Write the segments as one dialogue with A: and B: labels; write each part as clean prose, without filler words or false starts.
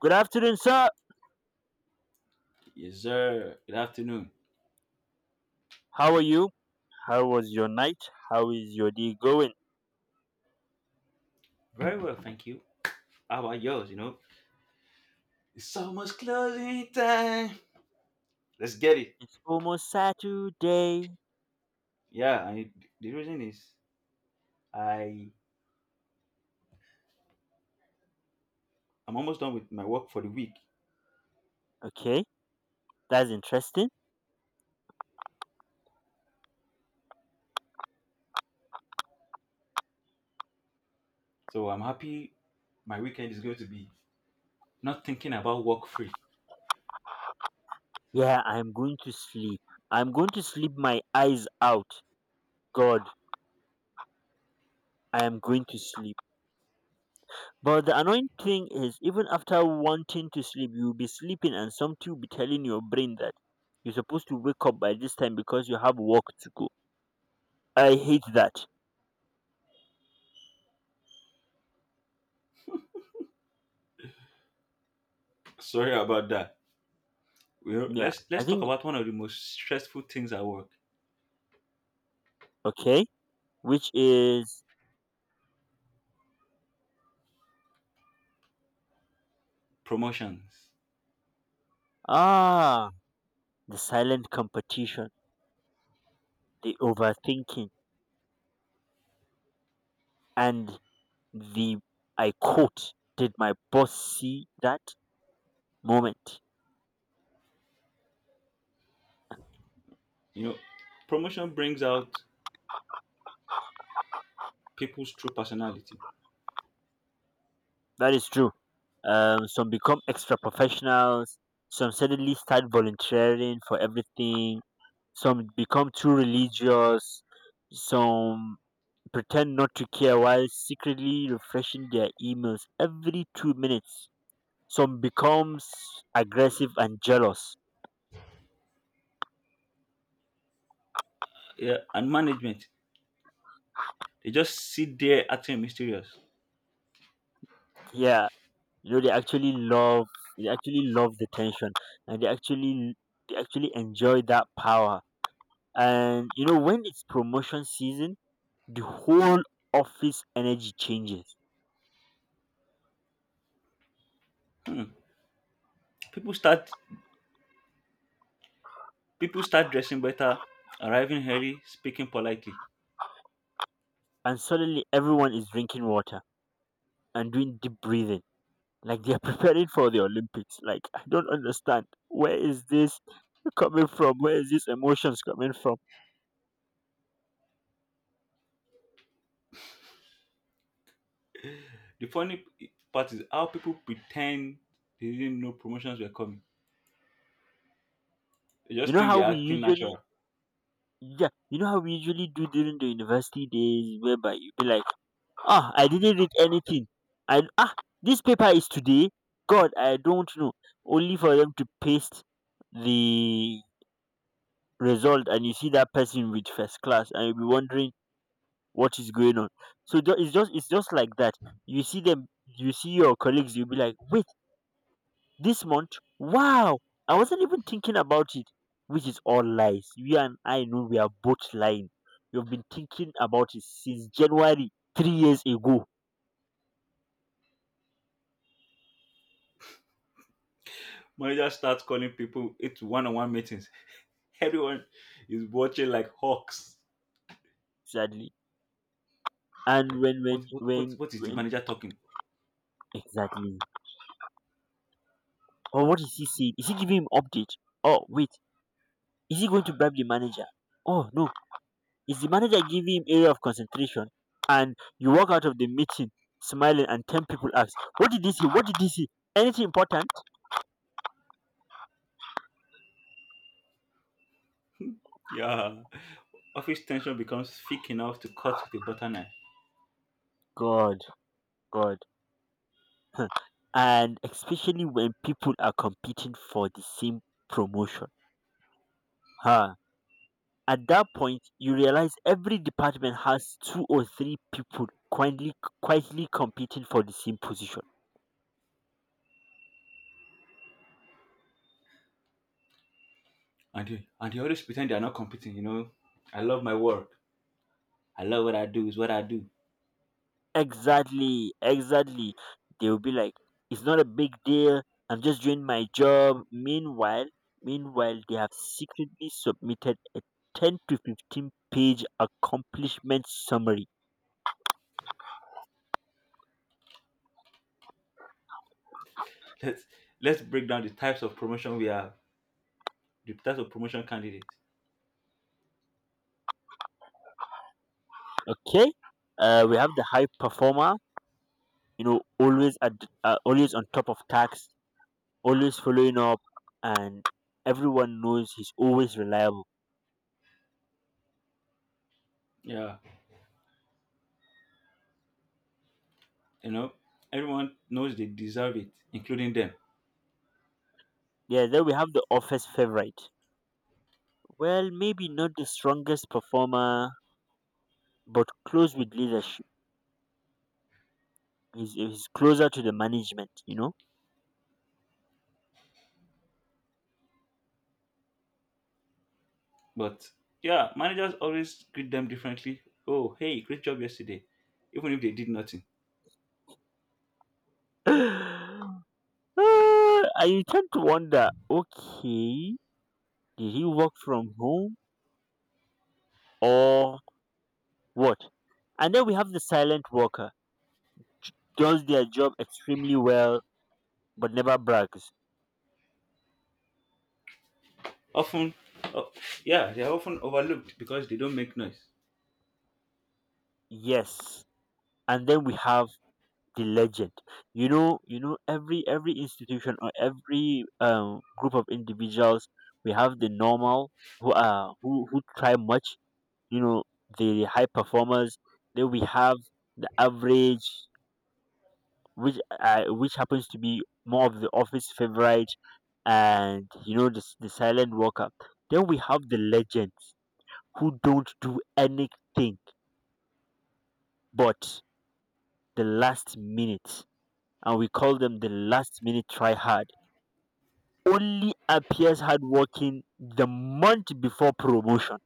A: Good afternoon, sir.
B: Yes, sir. Good afternoon.
A: How are you? How was your night? How is your day going?
B: Very well, thank you. How about yours? You know, it's almost closing time. Let's get it.
A: It's almost Saturday.
B: Yeah, I, the reason is I I'm almost done with my work for the week,
A: Okay, that's interesting.
B: so I'm happy. My weekend is going to be not thinking about work free.
A: Yeah, I'm going to sleep. I'm going to sleep my eyes out. God, I am going to sleep. But the annoying thing is, even after wanting to sleep, you'll be sleeping, and something will be telling your brain that you're supposed to wake up by this time because you have work to go. I hate that.
B: Sorry about that. Well,
A: Yeah,
B: let's
A: I
B: let's talk
A: think,
B: about one of the most stressful things at work:
A: okay, which is,
B: promotions.
A: ah, the silent competition, the overthinking, and the I quote, did my boss see that moment?
B: You know, promotion brings out people's true personality.
A: That is true. Some become extra professionals, some suddenly start volunteering for everything, some become too religious, some pretend not to care while secretly refreshing their emails every 2 minutes. Some becomes aggressive and jealous.
B: Yeah, and management. They just sit there acting mysterious.
A: Yeah, you know, they actually love the tension, and they actually enjoy that power. And you know, when it's promotion season, the whole office energy changes,
B: Hmm People start people start dressing better, arriving early, speaking politely.
A: and suddenly everyone is drinking water and doing deep breathing like they're preparing for the Olympics. Like, I don't understand, where is this coming from? Where is this emotions coming from?
B: The funny part is how people pretend they didn't know promotions were coming. They
A: You
B: just
A: know
B: think
A: how
B: they're
A: we
B: acting
A: usually
B: natural.
A: Yeah, you know how we usually do during the university days, whereby you be like, ah, I didn't read anything. I this paper is today. God, I don't know. Only for them to paste the result, and you see that person with first class, and you'll be wondering what is going on. So it's just like that. You see them, you see your colleagues, you'll be like, wait, this month? Wow, I wasn't even thinking about it. Which is all lies. You and I know we are both lying. You've been thinking about it since January 3 years ago.
B: Managers start calling people into one-on-one meetings. Everyone is watching like hawks.
A: Sadly. And
B: Like
A: when when
B: what what what,
A: when
B: what is the
A: when
B: manager talking?
A: exactly? Or what is he saying? Is he giving him update? Oh wait, is he going to bribe the manager? Oh no, is the manager giving him area of concentration? And you walk out of the meeting smiling, and ten people ask, "What did he say? What did he say? Anything important?"
B: Yeah. Office tension becomes thick enough to cut with a butter knife.
A: God, God. Huh. And especially when people are competing for the same promotion. Ha. At that point, you realize every department has two or three people quietly, quietly competing for the same position.
B: And they always pretend they are not competing, you know. I love my work. I love what I do, is what I do.
A: Exactly, exactly. They will be like, it's not a big deal. I'm just doing my job. Meanwhile, they have secretly submitted a 10 to 15 page accomplishment summary.
B: let's let's break down the types of promotion we have, the types of promotion candidates.
A: Okay, we have the high performer, you know, always always on top of tasks, always following up, and everyone knows he's always reliable.
B: Yeah, you know, everyone knows they deserve it, including them.
A: Yeah, then we have the office favorite. Well, maybe not the strongest performer, but close with leadership. He's closer to the management, you know?
B: But yeah, managers always greet them differently. Oh, hey, great job yesterday, even if they did nothing.
A: Ah, and you tend to wonder, okay, did he work from home or what? And then we have the silent worker. Does their job extremely well, but never brags.
B: Often, oh, yeah, they are often overlooked because they don't make noise.
A: Yes. And then we have the legend. You know, every institution or every group of individuals, we have the normal who try much. You know, the high performers. Then we have the average, which happens to be more of the office favorite, and you know the silent worker. Then we have the legends who don't do anything but the last minute, and we call them the last minute try hard, only appears hardworking the month before promotion.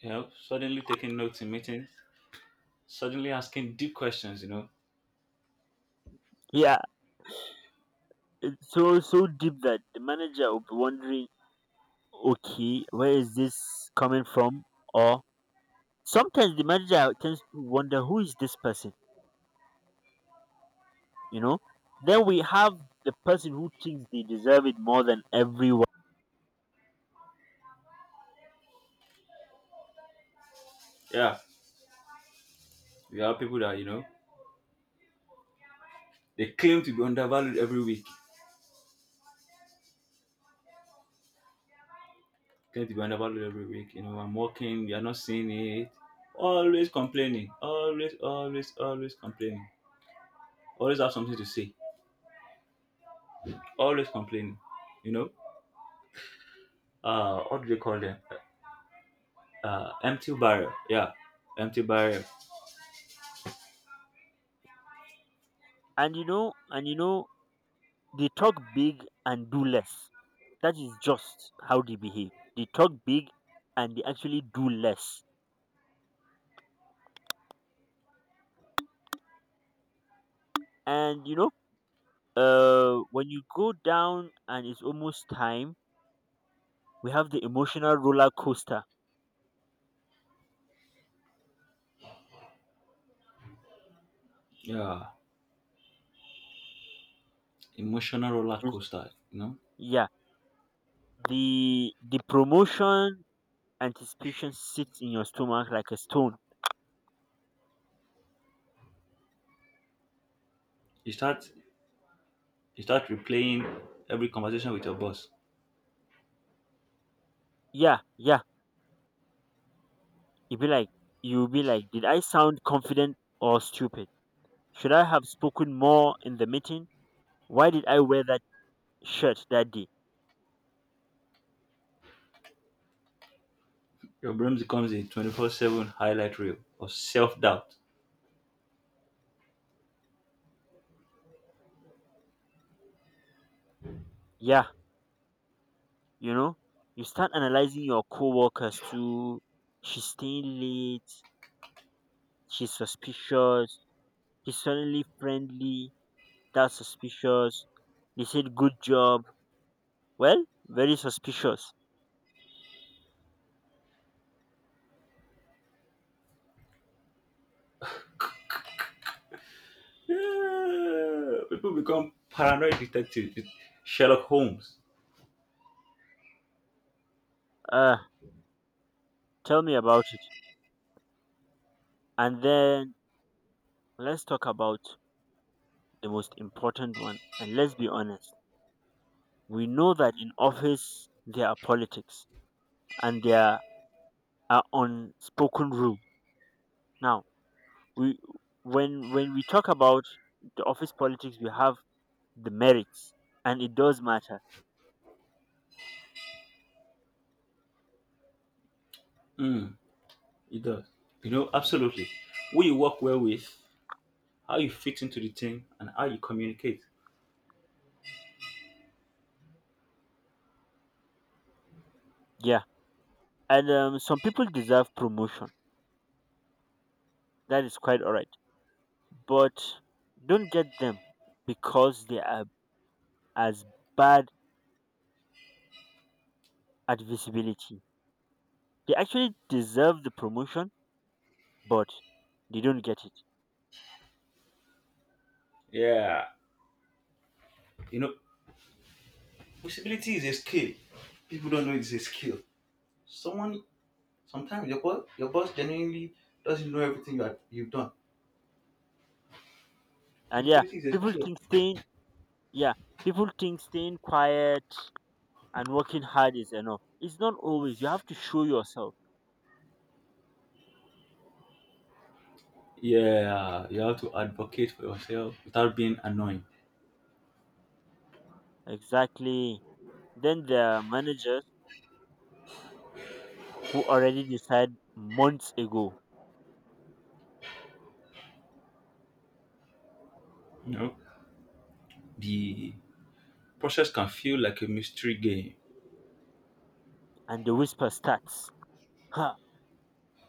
B: You know, suddenly taking notes in meetings, suddenly asking deep questions. You know,
A: Yeah, it's so so deep that the manager will be wondering, okay, where is this coming from? Or sometimes the manager tends to wonder who is this person, you know? Then we have the person who thinks they deserve it more than everyone.
B: yeah, we have people that you know they claim to be undervalued every week get the vulnerable every week. You know, I'm working, you're not seeing it. Always complaining. Always, always, always complaining. Always have something to say. Always complaining. You know? What do they call them? Empty barrel. Yeah. Empty barrel.
A: And you know, they talk big and do less. That is just how they behave. They talk big, and they actually do less. And you know, when you go down and it's almost time, we have the emotional roller coaster.
B: Yeah. Emotional roller
A: Just-
B: coaster. You know?
A: yeah, the promotion anticipation sits in your stomach like a stone.
B: You start you start replaying every conversation with your boss.
A: Yeah, yeah, you'll be like, did I sound confident or stupid? Should I have spoken more in the meeting? Why did I wear that shirt that day?
B: Your brain becomes a 24-7 highlight reel of self-doubt.
A: Yeah, you know, you start analyzing your coworkers too. She's staying late, she's suspicious. He's suddenly friendly, that's suspicious. They said good job. Well, very suspicious.
B: Yeah, people become paranoid detectives, with Sherlock Holmes.
A: Uh, tell me about it. And then let's talk about the most important one. And let's be honest. We know that in office there are politics and there are unspoken rules. Now, we when we talk about the office politics. We have the merits, and it does matter.
B: Mm, it does. You know, absolutely. Who you work well with, how you fit into the team, and how you communicate.
A: Yeah. And some people deserve promotion. That is quite alright, but don't get them because they are as bad at visibility. They actually deserve the promotion, but they don't get it.
B: Yeah, you know, visibility is a skill. People don't know it's a skill. Someone sometimes your boss genuinely doesn't know everything you've done.
A: And yeah,
B: Visibility is a
A: people
B: skill.
A: think staying yeah, people think staying quiet and working hard is enough. It's not always. You have to show yourself.
B: Yeah, you have to advocate for yourself without being annoying.
A: Exactly. Then there are managers who already decide months ago,
B: You know, the process can feel like a mystery game.
A: and the whisper starts. Huh,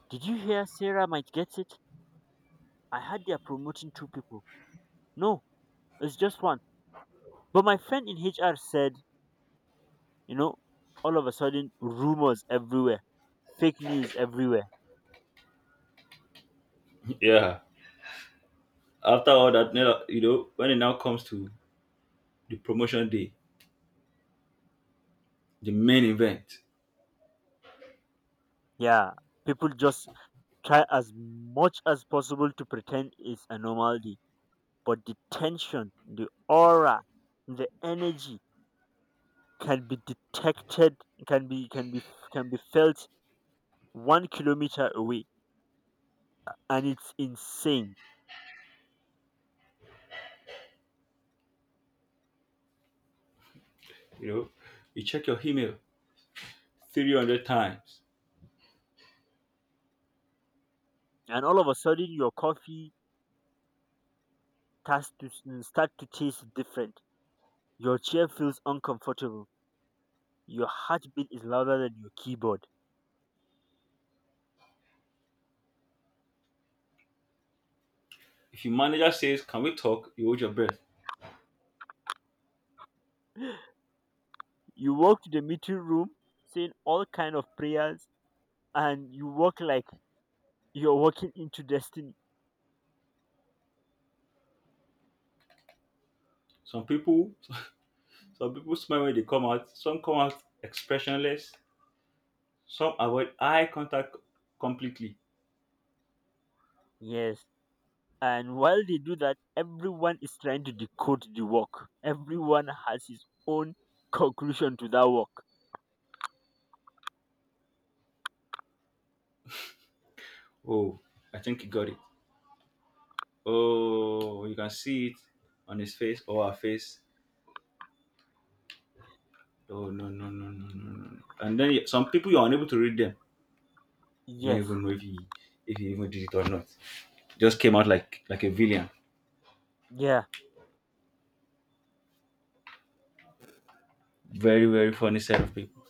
A: did you hear Sarah might get it? I heard they're promoting two people. No, it's just one. But my friend in HR said, you know, all of a sudden rumors everywhere, fake news everywhere.
B: Yeah. After all that, you know, when it now comes to the promotion day, the main event,
A: Yeah. People just try as much as possible to pretend it's a normality. But the tension, the aura, the energy can be detected, can be can be can be felt 1 kilometer away. And it's insane.
B: you know, you check your email 300 times.
A: And all of a sudden your coffee starts to start to taste different. Your chair feels uncomfortable. Your heartbeat is louder than your keyboard.
B: If your manager says, can we talk? You hold your breath.
A: You walk to the meeting room saying all kind of prayers, and you walk like you're walking into destiny.
B: Some people, some people smile when they come out. Some come out expressionless. Some avoid eye contact completely.
A: Yes. And while they do that, everyone is trying to decode the work. Everyone has his own conclusion to that work.
B: Oh, I think he got it. Oh, you can see it on his face or her face. Oh, no, no, no, no, no, no, no. And then some people, you're unable to read them. We don't
A: Yes.
B: even know if he even did it or not. Just came out like a villain.
A: Yeah.
B: Very very funny set of people.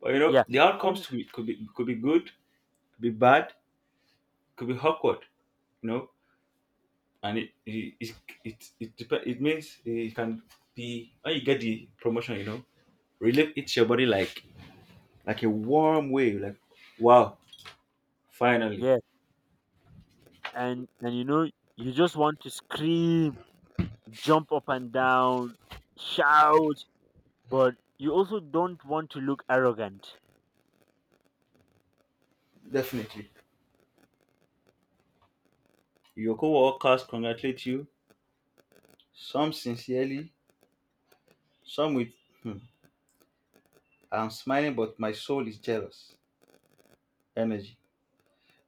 B: But you know
A: Yeah.
B: the outcomes
A: And
B: to it could be good, could be bad, could be awkward. You know, and it means it can be when you get the promotion. You know, relief hits your body like a warm wave. Like wow, finally,
A: yes. And you know, you just want to scream, jump up and down, shout, but you also don't want to look arrogant.
B: definitely. Your co-workers congratulate you. Some sincerely, some with hmm, I'm smiling, but my soul is jealous. Energy.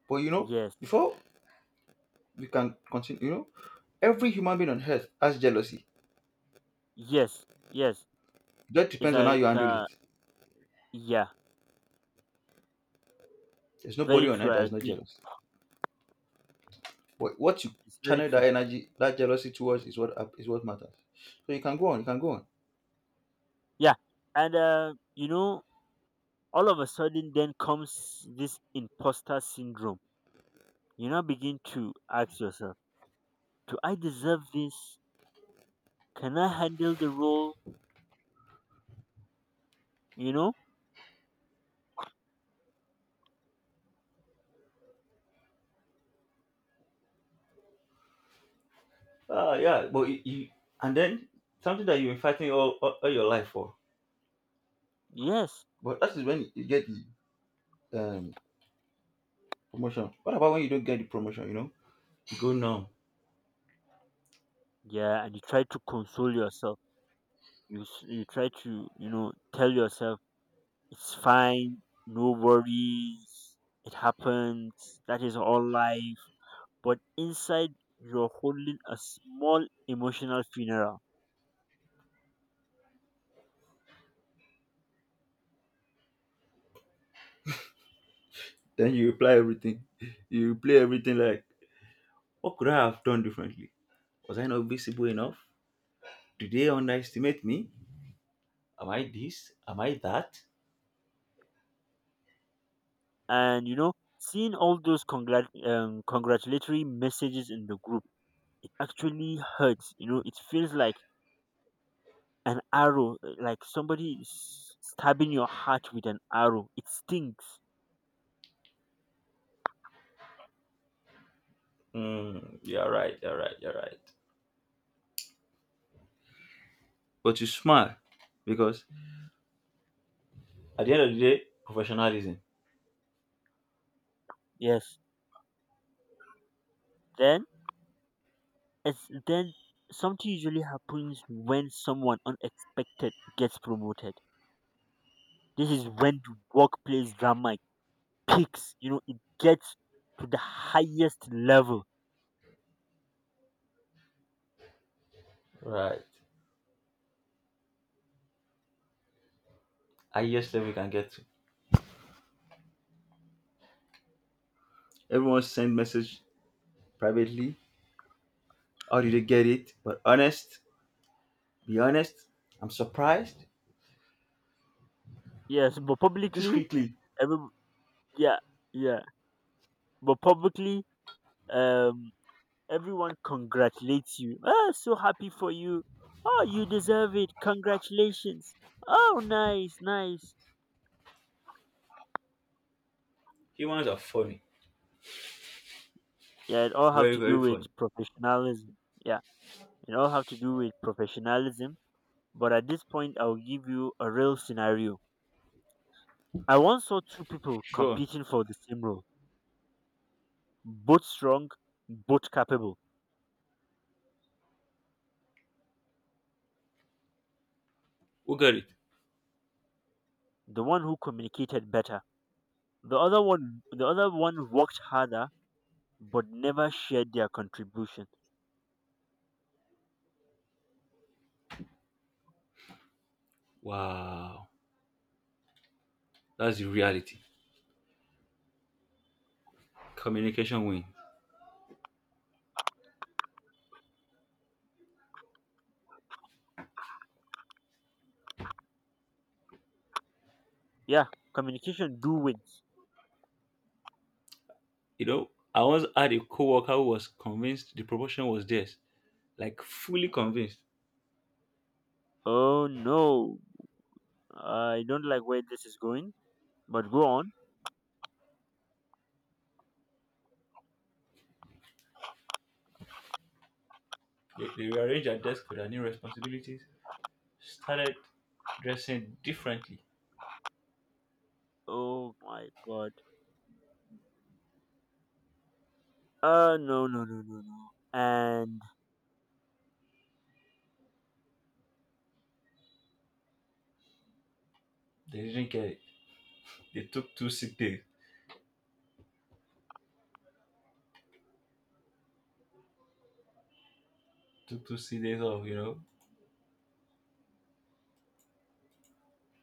B: But you know,
A: Yes.
B: before we can continue, you know, every human being on earth has jealousy.
A: Yes, yes.
B: That
A: It's
B: depends on how
A: a,
B: you
A: it's
B: handle
A: a,
B: it.
A: yeah,
B: There's
A: very
B: nobody on
A: true.
B: earth
A: I
B: that is not
A: agree.
B: jealous. But what you
A: It's very
B: channel that
A: true.
B: energy, that jealousy towards is is what matters. So you can go on, you can go on.
A: Yeah. And, you know, all of a sudden then comes this imposter syndrome. You now begin to ask yourself, do I deserve this? Can I handle the role? You know?
B: Ah, yeah, but you and then something that you've been fighting all your life for.
A: Yes.
B: But that is when you get the promotion. What about when you don't get the promotion? You know, you go numb.
A: Yeah. And you try to console yourself. You try to, you know, tell yourself, it's fine. No worries. It happens. That is all life, but inside you're holding a small emotional funeral.
B: Then you reply everything. You replay everything like what could I have done differently? Was I not visible enough? Did they underestimate me? Am I this? Am I that?
A: And you know, seeing all those congratulatory messages in the group, it actually hurts. You know, it feels like an arrow, like somebody is stabbing your heart with an arrow. It stinks.
B: Mm, you're right. But you smile because at the end of the day, professionalism.
A: Yes. Then it's then something usually happens when someone unexpected gets promoted. This is when the workplace drama peaks, you know, it gets to the highest level.
B: Right. Highest level we can get to. Everyone send message privately. How did they get it? Be honest. I'm surprised.
A: Yes, but publicly,
B: Discreetly.
A: every, yeah, yeah, but publicly, um, everyone congratulates you. Oh, so happy for you. Oh, you deserve it. Congratulations. Oh, nice, nice.
B: Humans are funny.
A: Yeah, it all have
B: Very,
A: to
B: very
A: do with
B: funny.
A: professionalism. Yeah, it all have to do with professionalism. But at this point, I'll give you a real scenario. I once saw two people
B: Go on.
A: competing for the same role, both strong, both capable.
B: Who got it?
A: The one who communicated better. The other one, worked harder but never shared their contribution.
B: Wow. That's the reality. Communication win.
A: Yeah, communication do wins.
B: You know, I once had a coworker who was convinced the promotion was theirs, like fully convinced.
A: Oh no, I don't like where this is going, but go on.
B: They rearranged their desk for their new responsibilities, started dressing differently.
A: Oh my god, no, no, no, no, no. And
B: They didn't care. They took two sick days, took two sick days off, you know,